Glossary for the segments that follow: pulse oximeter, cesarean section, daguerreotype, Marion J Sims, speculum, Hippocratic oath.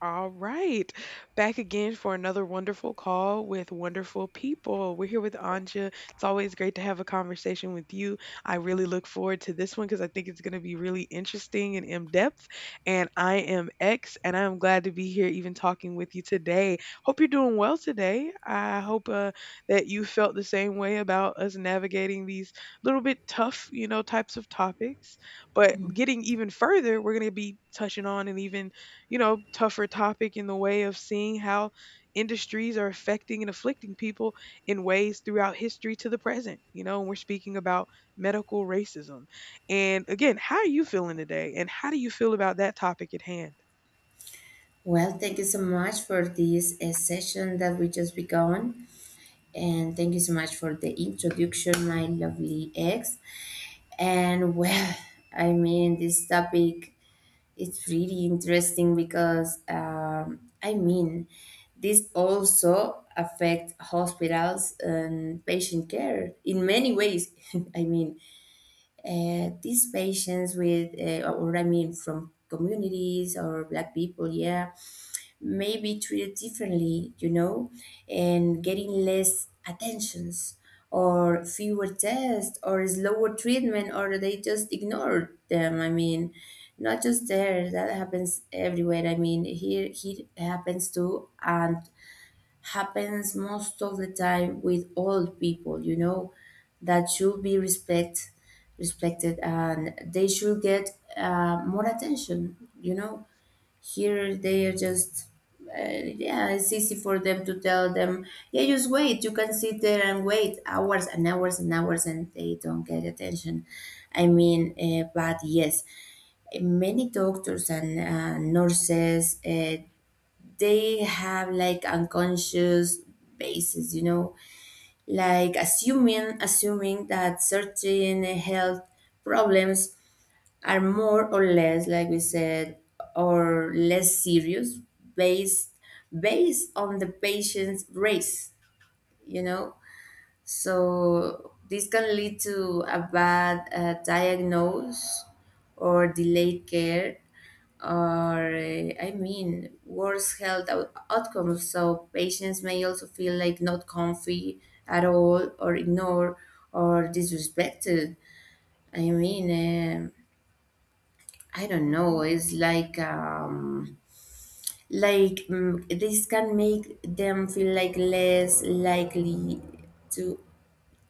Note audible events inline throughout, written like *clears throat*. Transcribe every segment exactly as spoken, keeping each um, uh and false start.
All right. Back again for another wonderful call with wonderful people. We're here with Anja. It's always great to have a conversation with you. I really look forward to this one because I think it's going to be really interesting and in depth. And I am X, and I'm glad to be here even talking with you today. Hope you're doing well today. I hope uh, that you felt the same way about us navigating these little bit tough, you know, types of topics. But getting even further, we're going to be touching on and even you know, tougher topic in the way of seeing how industries are affecting and afflicting people in ways throughout history to the present. You know, and we're speaking about medical racism. And again, how are you feeling today? And how do you feel about that topic at hand? Well, thank you so much for this uh, session that we just begun. And thank you so much for the introduction, my lovely ex. And well, I mean, this topic is really interesting because, um, I mean, this also affect hospitals and patient care in many ways. *laughs* I mean, uh, these patients with, uh, or I mean, from communities or black people, yeah maybe treated differently, you know, and getting less attentions or fewer tests or slower treatment or they just ignored them. I mean, not just there, that happens everywhere. I mean, here here it happens too and happens most of the time with old people, you know, that should be respect respected, and they should get uh, more attention, you know. Here they are just uh, yeah, it's easy for them to tell them, yeah, just wait. You can sit there and wait hours and hours and hours and they don't get attention. I mean, uh, but yes, many doctors and uh, nurses, uh, they have like unconscious basis, you know, like assuming assuming that certain health problems are more or less, like we said, or less serious, based based on the patient's race, you know. So this can lead to a bad uh, diagnose or delayed care or uh, I mean worse health out- outcomes. So patients may also feel like not comfy at all, or ignored, or disrespected. I mean, um I don't Hmm. know. It's like um, like mm this can make them feel like less likely to.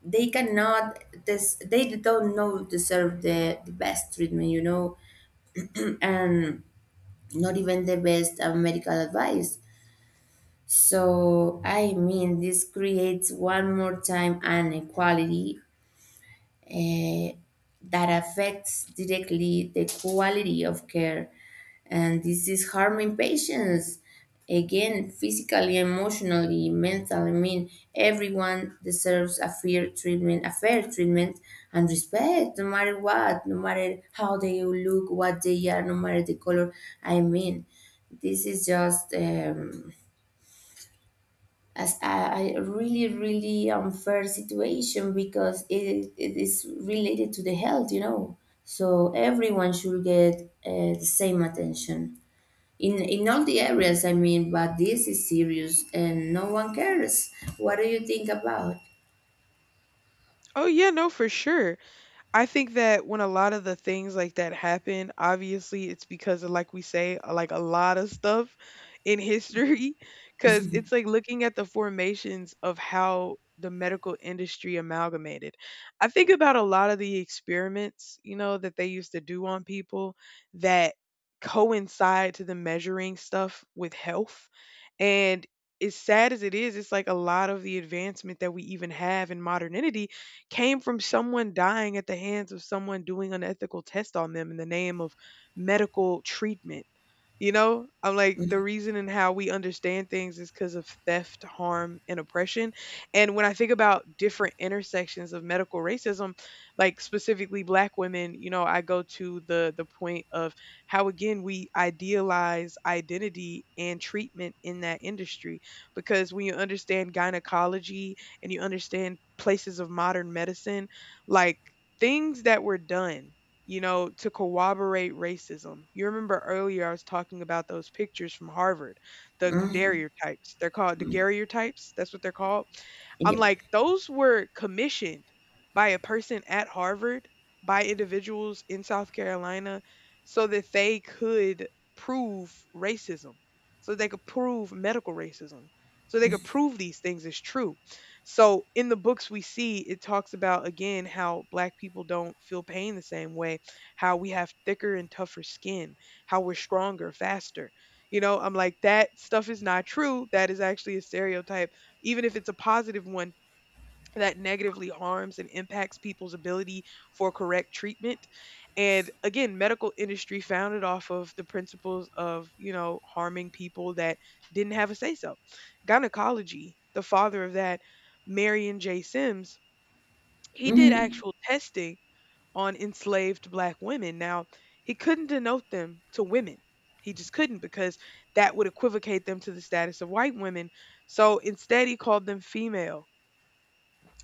They cannot. This they don't know deserve the, the best treatment. You know, and not even the best uh, medical advice. So I mean, this creates one more time an equality, eh, that affects directly the quality of care. And this is harming patients again, physically, emotionally, mentally. I mean, everyone deserves a fair treatment, a fair treatment and respect, no matter what, no matter how they look, what they are, no matter the color. I mean, this is just. Um, as a, a really really unfair situation because it, it is related to the health, you know. So everyone should get uh, the same attention in in all the areas. I mean, but this is serious and no one cares. What do you think about? Oh yeah, no, for sure. I think that when a lot of the things like that happen, obviously it's because of like we say, uh, like a lot of stuff in history. *laughs* Cause it's like looking at the formations of how the medical industry amalgamated. I think about a lot of the experiments, you know, that they used to do on people that coincide to the measuring stuff with health. And as sad as it is, it's like a lot of the advancement that we even have in modernity came from someone dying at the hands of someone doing unethical tests on them in the name of medical treatment. You know, I'm like Mm, the reason and how we understand things is because of theft, harm, and oppression. And when I think about different intersections of medical racism, like specifically black women, you know, I go to the the point of how again we idealize identity and treatment in that industry because when you understand gynecology and you understand places of modern medicine, like things that were done, you know, to corroborate racism. You remember earlier I was talking about those pictures from Harvard, the daguerreotypes. They're called daguerreotypes. That's what they're called. I'm yep. like, those were commissioned by a person at Harvard, by individuals in South Carolina, so that they could prove racism, so they could prove medical racism, so they could prove these things is true. So in the books we see, it talks about again how black people don't feel pain the same way, how we have thicker and tougher skin, how we're stronger, faster. You know, I'm like, that stuff is not true. That is actually a stereotype, even if it's a positive one that negatively harms and impacts people's ability for correct treatment and again medical industry founded off of the principles of you know harming people that didn't have a say so. Gynecology, the father of that, Marion J. Sims, he did Mhm. actual testing on enslaved black women. Now he couldn't denote them to women, he just couldn't, because that would equivocate them to the status of white women. So instead he called them female,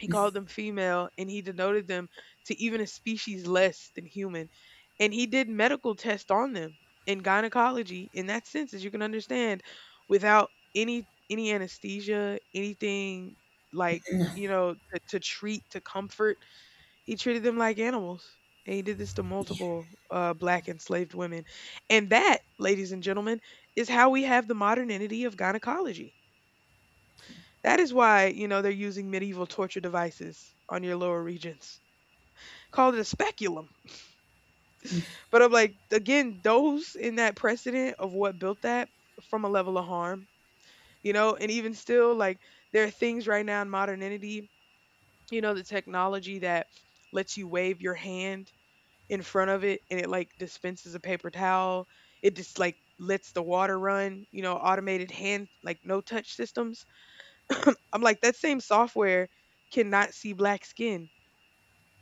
he called them female, and he denoted them to even a species less than human. And he did medical tests on them in gynecology in that sense, as you can understand, without any any anesthesia, anything like, you know, to, to treat, to comfort. He treated them like animals. And he did this to multiple uh, black enslaved women. And that, ladies and gentlemen, is how we have the modernity of gynecology. That is why, you know, they're using medieval torture devices on your lower regions. Called it a speculum. But I'm like, again, those in that precedent of what built that from a level of harm, you know, and even still, like, there are things right now in modernity, you know, the technology that lets you wave your hand in front of it and it like dispenses a paper towel. It just like lets the water run, you know, automated hand, like no touch systems. *clears throat* I'm like, that same software cannot see black skin.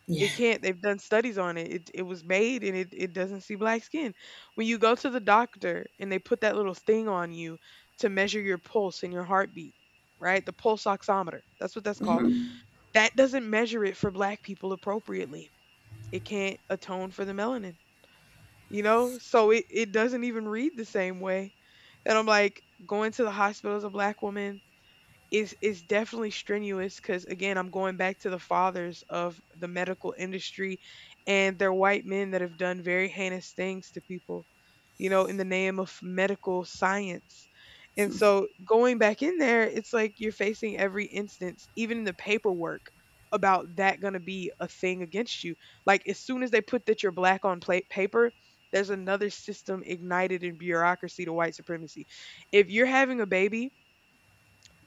Yeah. It can't. They've done studies on it. It it was made and it, it doesn't see black skin. When you go to the doctor and they put that little thing on you to measure your pulse and your heartbeat, right? The pulse oximeter. That's what that's called. Hmm. That doesn't measure it for black people appropriately. It can't atone for the melanin. You know? So it, it doesn't even read the same way. And I'm like, going to the hospital as a black woman, is is definitely strenuous, because again I'm going back to the fathers of the medical industry, and they're white men that have done very heinous things to people, you know, in the name of medical science. And so going back in there, it's like you're facing every instance, even in the paperwork, about that going to be a thing against you. Like as soon as they put that you're black on plate paper, there's another system ignited in bureaucracy to white supremacy. If you're having a baby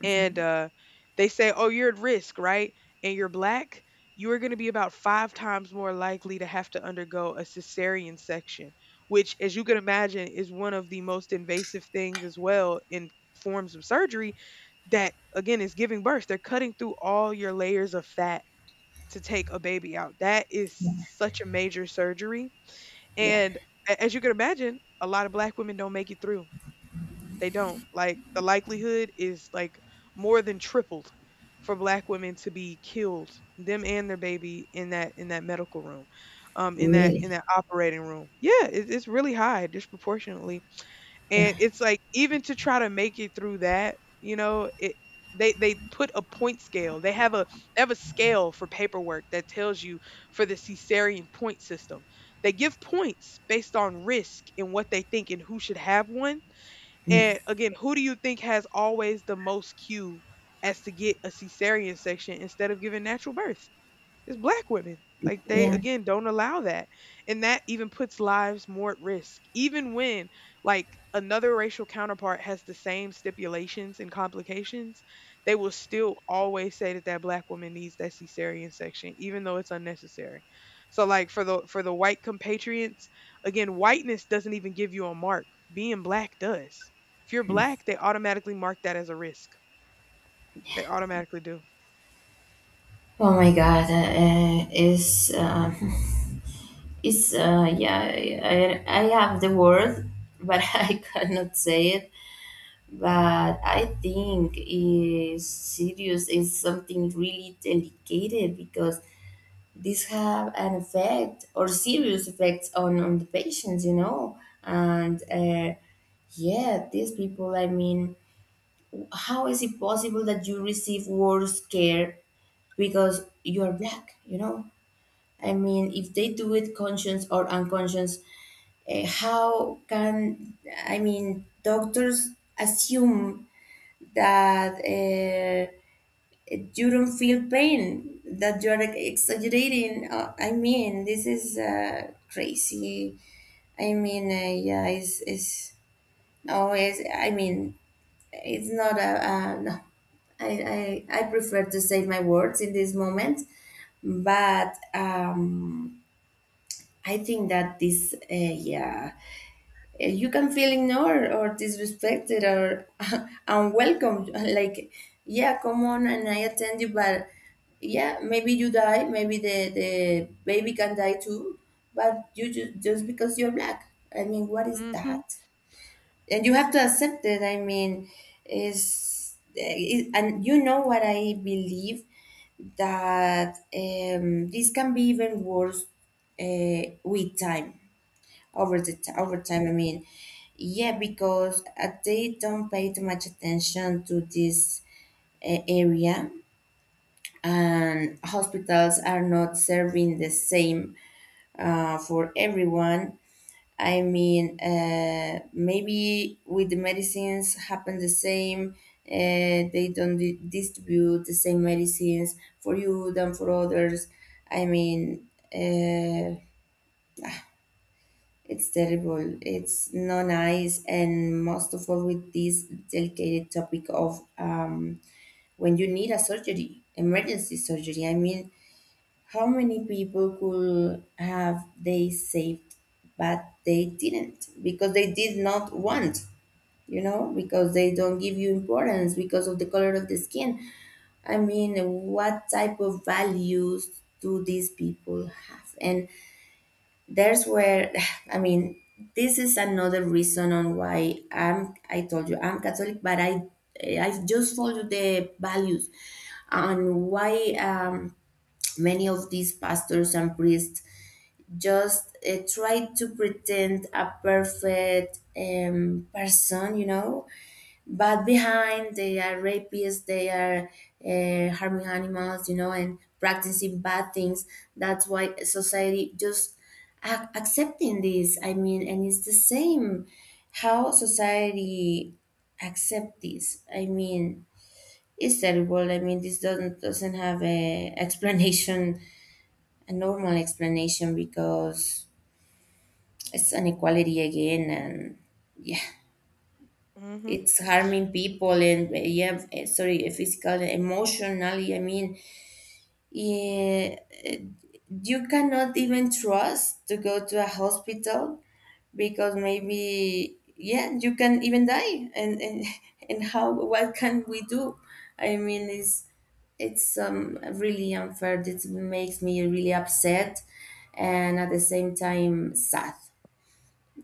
and uh, they say, "Oh, you're at risk, right? And you're black. You are going to be about five times more likely to have to undergo a cesarean section," which, as you can imagine, is one of the most invasive things as well in forms of surgery. That again is giving birth. They're cutting through all your layers of fat to take a baby out. That is such a major surgery, Yeah, and a- as you can imagine, a lot of black women don't make it through. They don't. Like the likelihood is like more than tripled for black women to be killed, them and their baby, in that in that medical room, um, in that really. in that operating room. Yeah, it, it's really high disproportionately, and it's like even to try to make it through that, you know, it they they put a point scale. They have a they have a scale for paperwork that tells you for the cesarean point system. They give points based on risk and what they think and who should have one. Mm, And again, who do you think has always the most cue as to get a cesarean section instead of giving natural birth? It's black women. Like they yeah. again don't allow that. And that even puts lives more at risk. Even when like another racial counterpart has the same stipulations and complications, they will still always say that that black woman needs that cesarean section even though it's unnecessary. So like for the for the white compatriots, again whiteness doesn't even give you a mark. Being black does. If you're black, they automatically mark that as a risk. They automatically do. Oh my god. Uh, uh, is uh, Is uh, Yeah, I, I have the word, but *laughs* I cannot say it. But I think is serious is something really delicate because this have an effect or serious effects on on the patients, you know, and. Uh, yeah, these people, I mean, how is it possible that you receive worse care because you're black, you know? I mean, if they do it conscious or unconscious. Uh, how can, I mean, doctors assume that uh, you don't feel pain, that you are exaggerating? Uh, I mean, this is uh, crazy. I mean, uh, yeah, it's, it's always, I mean, it's not a, uh, no. I, I, I prefer to save my words in this moment, but um, I think that this, uh, yeah, eh, you can feel ignored or disrespected or *laughs* unwelcome. *laughs* Like, yeah, come on and I attend you, but yeah, maybe you die, maybe the, the baby can die too, but you just, just because you're black. I mean, what is Mhm. that? And you have to accept it. I mean, is it, and you know what I believe that um, this can be even worse uh, with time, over the t- over Mhm. time. I mean, yeah, because uh, they don't pay too much attention to this uh, area, and hospitals are not serving the same uh, for everyone. I mean, uh, maybe with the medicines happen the same. Uh, they don't di- distribute the same medicines for you than for others. I mean, uh, it's terrible. It's not nice, and most of all with this delicate topic of, um, when you need a surgery, emergency surgery. I mean, how many people could have they saved, but they didn't because they did not want, you know, because they don't give you importance because of the color of the skin. I mean, what type of values do these people have? And there's where *sighs* I mean this is another reason on why i'm I told you I'm Catholic, but i i just follow the values. And why um many of these pastors and priests just uh, try to pretend a perfect, um, person, you know, but behind they are rapists, they are uh, harming animals, you know, and practicing bad things. That's why society just ac- accepting this, I mean. And it's the same how society accept this. I mean, it's terrible. I mean, this doesn't doesn't have a *laughs* explanation, a normal explanation, because it's an inequality again, and. Mhm. It's harming people, and uh, yeah, uh, sorry, uh, physical and emotionally, I mean, eh, uh, you cannot even trust to go to a hospital because maybe yeah you can even die. And and, *laughs* and how, what can we do? I mean, it's it's um really unfair. It makes me really upset, and at the same time sad,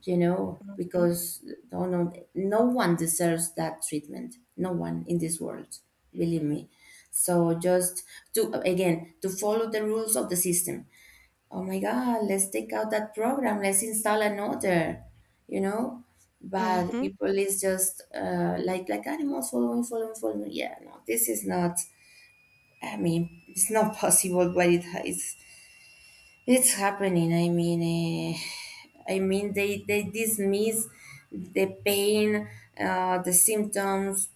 you know, Mhm. because no, no, no one deserves that treatment. No one in this world, believe me. So just to again to follow the rules of the system. Oh my God, let's take out that program. Let's install another. You know, but Mhm. people is just uh, like like animals following, following, following. Yeah, no, this is not. I mean, it's not *laughs* possible, but it is. It's happening. I mean, uh, I mean, they they dismiss the pain, uh, the symptoms,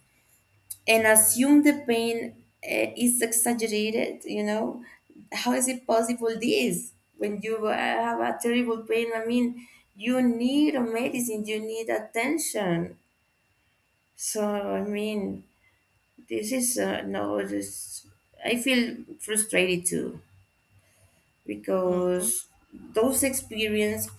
and assume the pain uh, is exaggerated. You know, how is it possible this when you uh, have a terrible pain? I mean, you need a medicine. You need attention. So I mean, this is uh, no. This, I feel frustrated too Mhm, because those experience.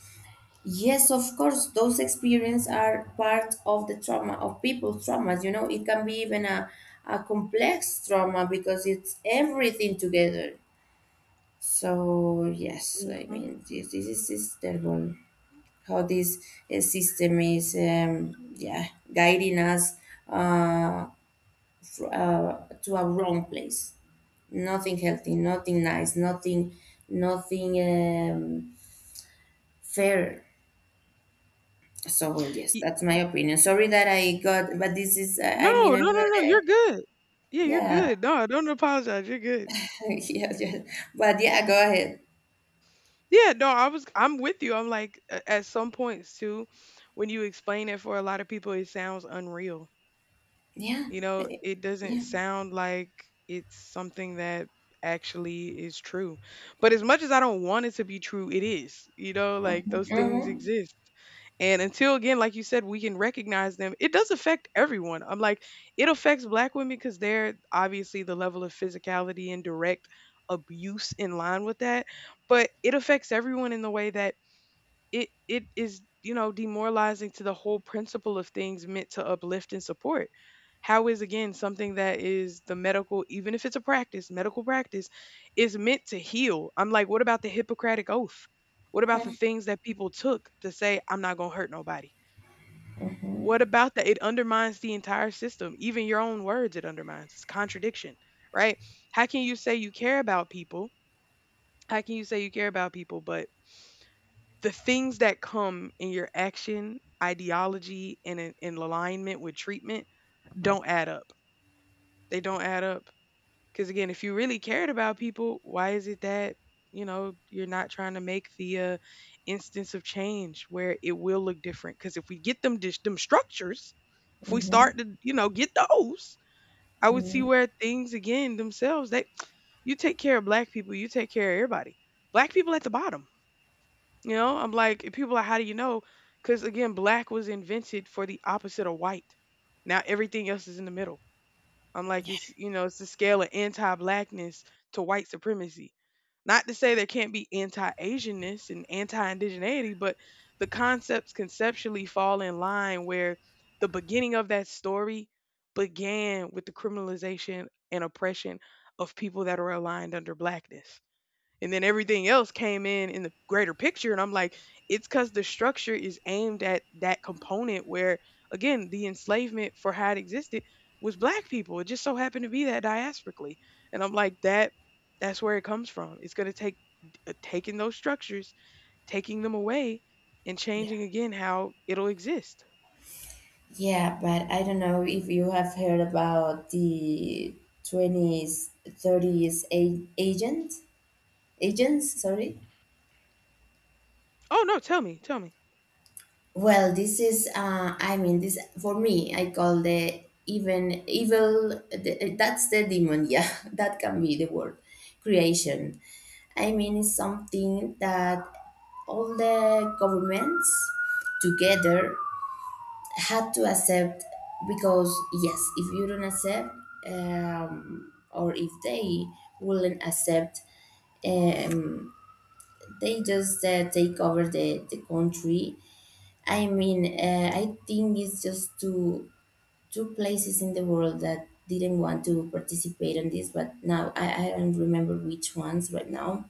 Yes, of course, those experiences are part of the trauma of people's traumas. You know, it can be even a, a complex trauma because it's everything together. So, yes, I mhm. mean, this, this is is terrible how this uh, system is, um, yeah, guiding us uh, to, uh, to a wrong place. Nothing healthy, nothing nice, nothing, nothing um, fair. So, well, yes, that's my opinion. Sorry that I got, but this is, I I mean, No, I'm no, not no, no, a. you're good. Yeah, you're Yeah. good. No, don't apologize, you're good. *laughs* Yeah, yeah, but yeah, go ahead. Yeah, no, I was I'm with you. I'm like, a at some points too, when you explain it for a lot of people, it sounds unreal. Yeah, You know, it doesn't yeah. sound like it's something that actually is true. But as much as I don't want it to be true, it is. You know, like those things Mm-hmm. exist. And until again, like you said, we can recognize them. It does affect everyone. I'm like, it affects black women because they're obviously the level of physicality and direct abuse in line with that. But it affects everyone in the way that it it is you know demoralizing to the whole principle of things meant to uplift and support. How is again something that is the medical, even if it's a practice, medical practice is meant to heal? I'm like, what about the Hippocratic oath? What about the things that people took to say I'm not going to hurt nobody? What about that? It undermines the entire system. Even your own words, it undermines, it's contradiction, right? How can you say you care about people? How can you say you care about people but the things that come in your action, ideology, and in, in alignment with treatment don't add up? They don't add up. Because again, if you really cared about people, why is it that you know you're not trying to make the uh, instance of change where it will look different? Because if we get them dis- them structures, if we Mm-hmm. start to you know get those, I would see Hmm. where things again themselves. They you take care of black people, you take care of everybody. Black people at the bottom, you know, I'm like, and people are like, how do you know? Because again, black was invented for the opposite of white. Now everything else is in the middle. I'm like, it's, you know, it's the scale of anti blackness to white supremacy. Not to say there can't be anti Asianness and anti indigeneity, but the concepts conceptually fall in line where the beginning of that story began with the criminalization and oppression of people that are aligned under blackness. And then everything else came in in the greater picture, and I'm like, it's because the structure is aimed at that component where, again, the enslavement, for how it existed, was black people. It just so happened to be that diasporically. And I'm like, that that's where it comes from. It's going to take uh, taking those structures, taking them away, and Yeah. changing again how it'll exist. Yeah, but I don't know if you have heard about the twenties, thirties a- agent, agents, sorry. Oh no, tell me, tell me. Well, this is, uh, I mean, this for me, I call the even evil, the, that's the demon, yeah, *laughs* that can be the word, creation. I mean, it's something that all the governments together had to accept because, yes, if you don't accept, um, or if they wouldn't accept, um, they just uh, take over the, the country. I mean, uh, I think it's just two two places in the world that didn't want to participate in this, but now I, I don't remember which ones right now.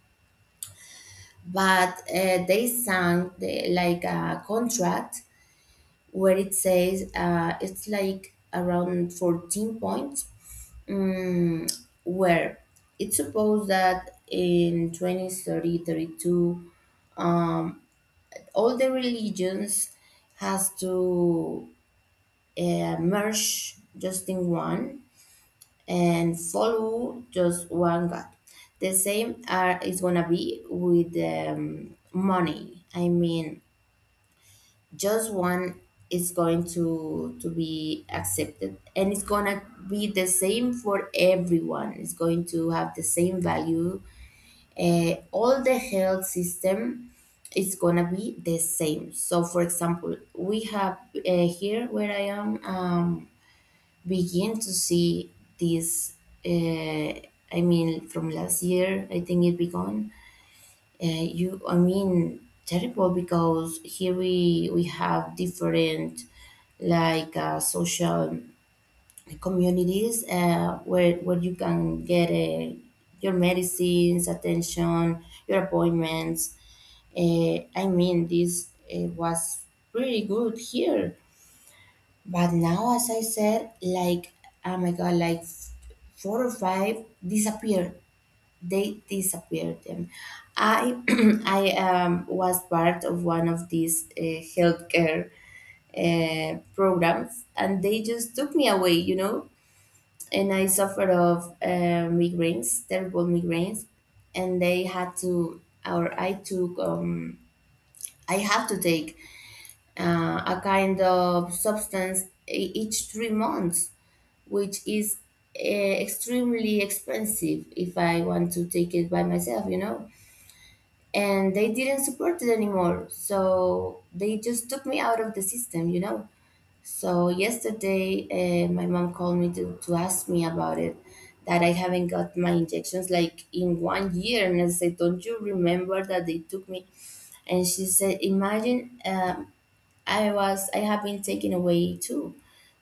But uh, they signed the, like a contract where it says uh, it's like around fourteen points, um, where it's supposed that in twenty thirty thirty two, all the religions has to uh, merge just in one and follow just one God. The same are, is gonna be with um, money. I mean, just one is going to to be accepted, and it's gonna be the same for everyone. It's going to have the same value. Uh, all the health system is gonna be the same. So, for example, we have uh, here where I am. Um, begin to see this. Uh, I mean, from last year, I think it began. Uh, you, I mean, terrible because here we we have different, like uh, social communities uh, where where you can get uh, your medicines, attention, your appointments. Uh, I mean, this uh, was pretty good here, but now, as I said, like, oh my God, like f- four or five disappeared. They disappeared them. I *clears throat* I um, was part of one of these uh, healthcare uh, programs, and they just took me away, you know. And I suffered of uh, migraines, terrible migraines, and they had to, or I took, um, I have to take uh, a kind of substance e- each three months, which is uh, extremely expensive if I want to take it by myself, you know. And they didn't support it anymore, so they just took me out of the system, you know. So yesterday, uh, my mom called me to, to ask me about it, that I haven't got my injections like in one year. And I said, "Don't you remember that they took me?" And she said, "Imagine, um, I was I have been taken away too."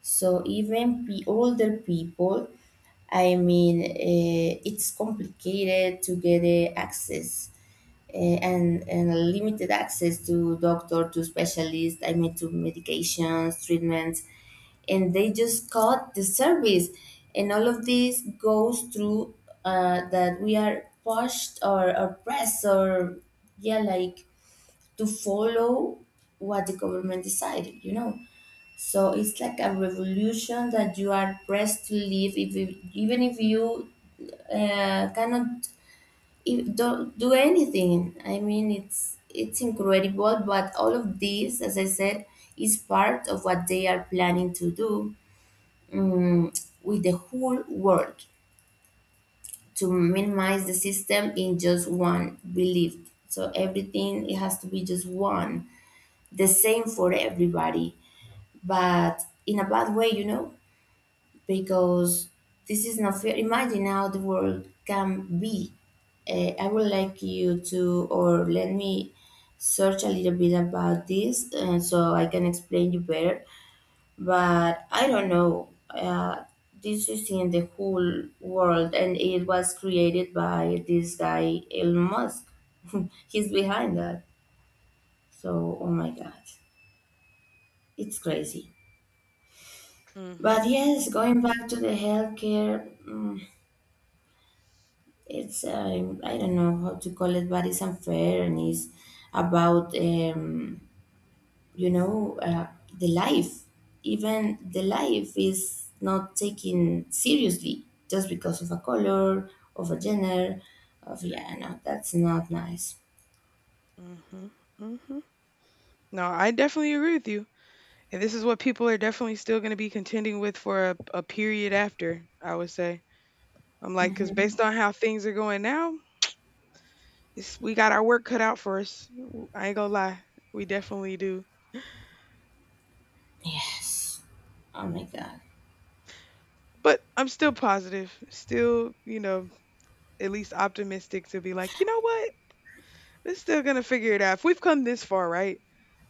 So even pe- older people, I mean, uh, it's complicated to get uh, access, uh, and, and limited access to doctor, to specialist, I mean, to medications, treatments, and they just cut the service. And all of this goes through, uh, that we are pushed or, or pressed or, yeah, like, to follow what the government decided, you know? So it's like a revolution that you are pressed to live, if you, even if you uh, cannot, if, do, do anything. I mean, it's it's incredible, but all of this, as I said, is part of what they are planning to do, um, with the whole world, to minimize the system in just one belief. So everything, it has to be just one, the same for everybody, but in a bad way, you know. Because this is not fair. Imagine how the world can be. Uh, I would like you to, or let me search a little bit about this, uh, so I can explain you better. But I don't know. Uh, this is in the whole world, and it was created by this guy, Elon Musk. *laughs* He's behind that. So, oh my God, it's crazy. Mm-hmm. But yes, going back to the healthcare. Mm, it's, um, I don't know how to call it, but it's unfair, and it's about, um, you know uh, the life. Even the life is not taken seriously just because of a color, of a gender, of yeah, no, that's not nice. Mm-hmm. Mm-hmm. No, I definitely agree with you. And this is what people are definitely still going to be contending with for a, a period after, I would say. I'm like, because Hmm. based on how things are going now, it's, we got our work cut out for us. W- I ain't going to lie. We definitely do. Yes. Oh my God. But I'm still positive, still, you know, at least optimistic to be like, you know what? They're still gonna figure it out. If we've come this far, right?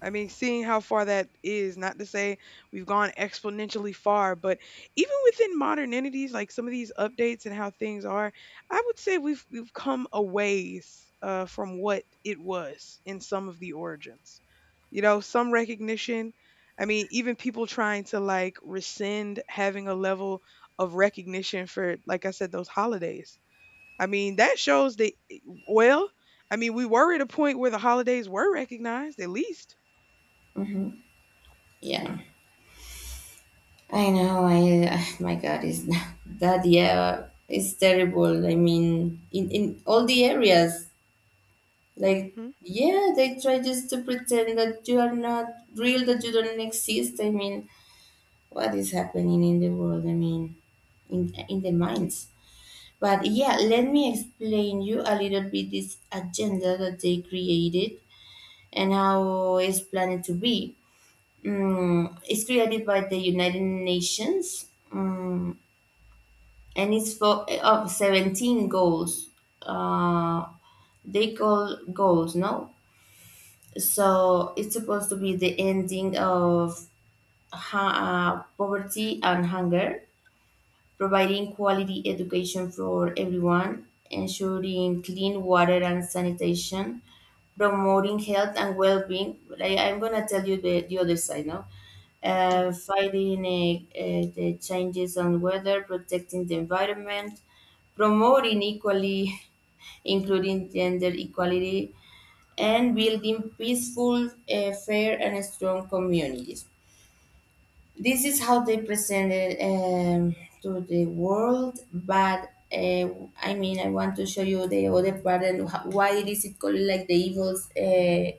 I mean, seeing how far that is, not to say we've gone exponentially far, but even within modern entities, like some of these updates and how things are, I would say we've we've come a ways uh, from what it was in some of the origins. You know, some recognition. I mean, even people trying to like rescind having a level of recognition for, like I said, those holidays. I mean, that shows that, well, I mean, we were at a point where the holidays were recognized, at least. Yeah. I know. I, ah, my god is *laughs* that, yeah. It's terrible. I mean, in, in all the areas. Like, Hmm. yeah, they try just to pretend that you are not real, that you don't exist. I mean, what is happening in the world? I mean, in in the minds. But yeah, let me explain you a little bit this agenda that they created, and how it's planned to be. Mm, it's created by the United Nations, mm, and it's for of seventeen goals. Uh, they call goals, no? So it's supposed to be the ending of, ha- uh, poverty and hunger, providing quality education for everyone, ensuring clean water and sanitation, promoting health and well-being. But I, I'm gonna tell you the, the other side now. Uh, Okay. Fighting, uh, uh, the changes on weather, protecting the environment, promoting equally, *laughs* including gender equality, and building peaceful, uh, fair, and strong communities. This is how they presented, um, to the world, but, uh, I mean, I want to show you the other part, and ho- why it is it called like the evils, uh,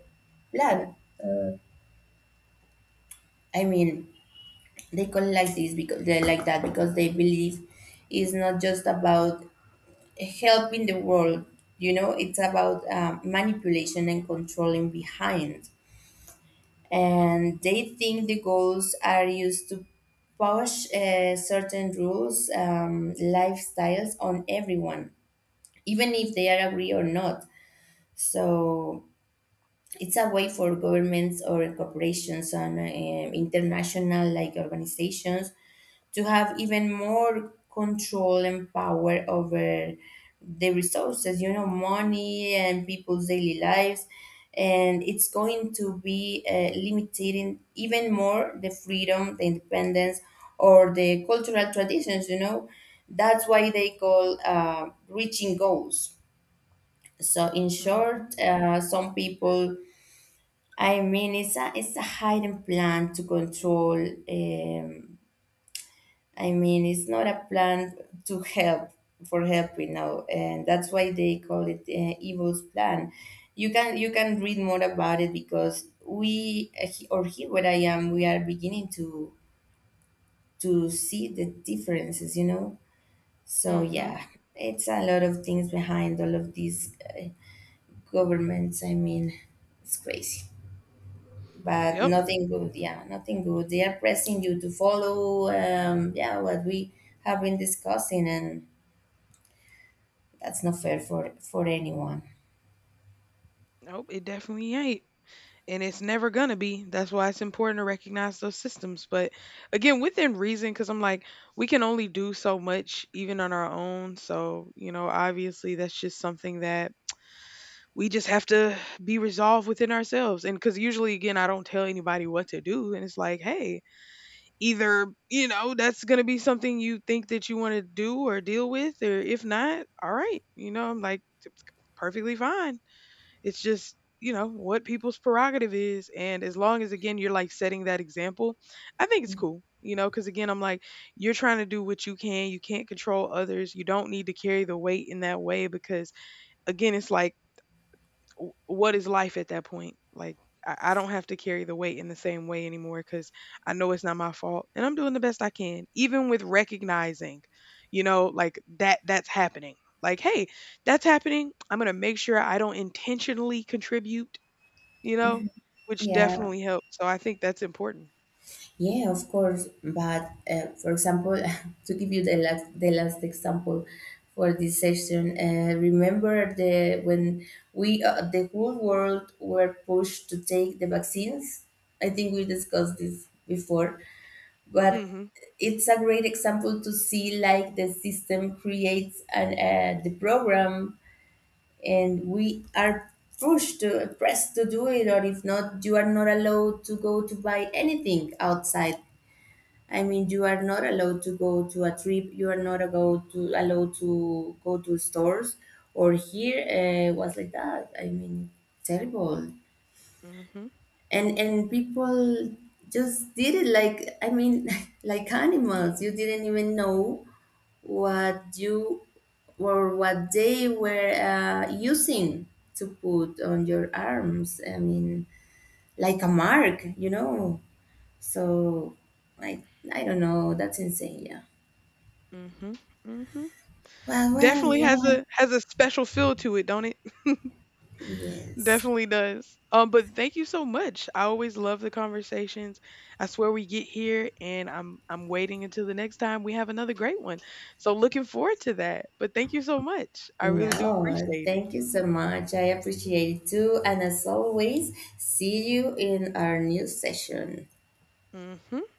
blood. I mean, they call it like this because they like that because they believe it's not just about helping the world. You know, it's about, uh, manipulation and controlling behind. And they think the goals are used to push, uh, certain rules, um, lifestyles on everyone, even if they are agree or not. So it's a way for governments or corporations and um international like organizations to have even more control and power over the resources, you know, money and people's daily lives. And it's going to be, uh, limiting even more the freedom, the independence, or the cultural traditions, you know. That's why they call, uh, reaching goals. So, in Hmm. short, uh, some people, I mean, it's a it's a hidden plan to control, um, I mean, it's not a plan to help for help, you know, and that's why they call it, uh, evil's plan. You can you can read more about it because we, uh, he- or here where I am, we are beginning to to see the differences, you know. So, Hmm. yeah, it's a lot of things behind all of these, uh, governments. I mean, it's crazy, but Yep. nothing good. Yeah, nothing good. They are pressing you to follow. Um, yeah, what we have been discussing, and that's not fair for for anyone. Nope, it definitely ain't. And it's never going to be. That's why it's important to recognize those systems. But again, within reason, because I'm like, we can only do so much even on our own. So, you know, obviously that's just something that we just have to be resolved within ourselves. And because usually, again, I don't tell anybody what to do. And it's like, hey, either, you know, that's going to be something you think that you want to do or deal with, or if not, all right. You know, I'm like, it's perfectly fine. It's just, you know, what people's prerogative is. And as long as, again, you're like setting that example, I think it's cool, you know, because again, I'm like, you're trying to do what you can. You can't control others. You don't need to carry the weight in that way because, again, it's like, w- what is life at that point? Like, I, I don't have to carry the weight in the same way anymore because I know it's not my fault, and I'm doing the best I can, even with recognizing, you know, like that that's happening. Like, hey, that's happening. I'm gonna make sure I don't intentionally contribute, you know, which Yeah, definitely helps. So I think that's important. yeah, of course. But, uh, for example, *laughs* to give you the last the last example for this session, uh, remember the when we uh, the whole world were pushed to take the vaccines. I think we discussed this before, but Mm-hmm. it's a great example to see, like, the system creates an uh, the program, and we are pushed to pressed to do it, or if not, you are not allowed to go to buy anything outside. I mean, you are not allowed to go to a trip. You are not allowed to allowed to go to stores. Or here, uh, was like that, I mean. Terrible. Mm-hmm. And and people just did it, like, I mean, *laughs* like animals. You didn't even know what you or what they were, uh, using to put on your arms. I mean, like a mark you know So, i i don't know. That's insane. Yeah. Mm-hmm. Mm-hmm. Well well Definitely has yeah. a has a special feel to it, don't it? Yes, Definitely does. Um, but thank you so much. I always love the conversations. I swear we get here and I'm I'm waiting until the next time we have another great one. So looking forward to that. But thank you so much. I really do no, appreciate it. thank you so much. I appreciate it too, and as always, see you in our new session. Hmm.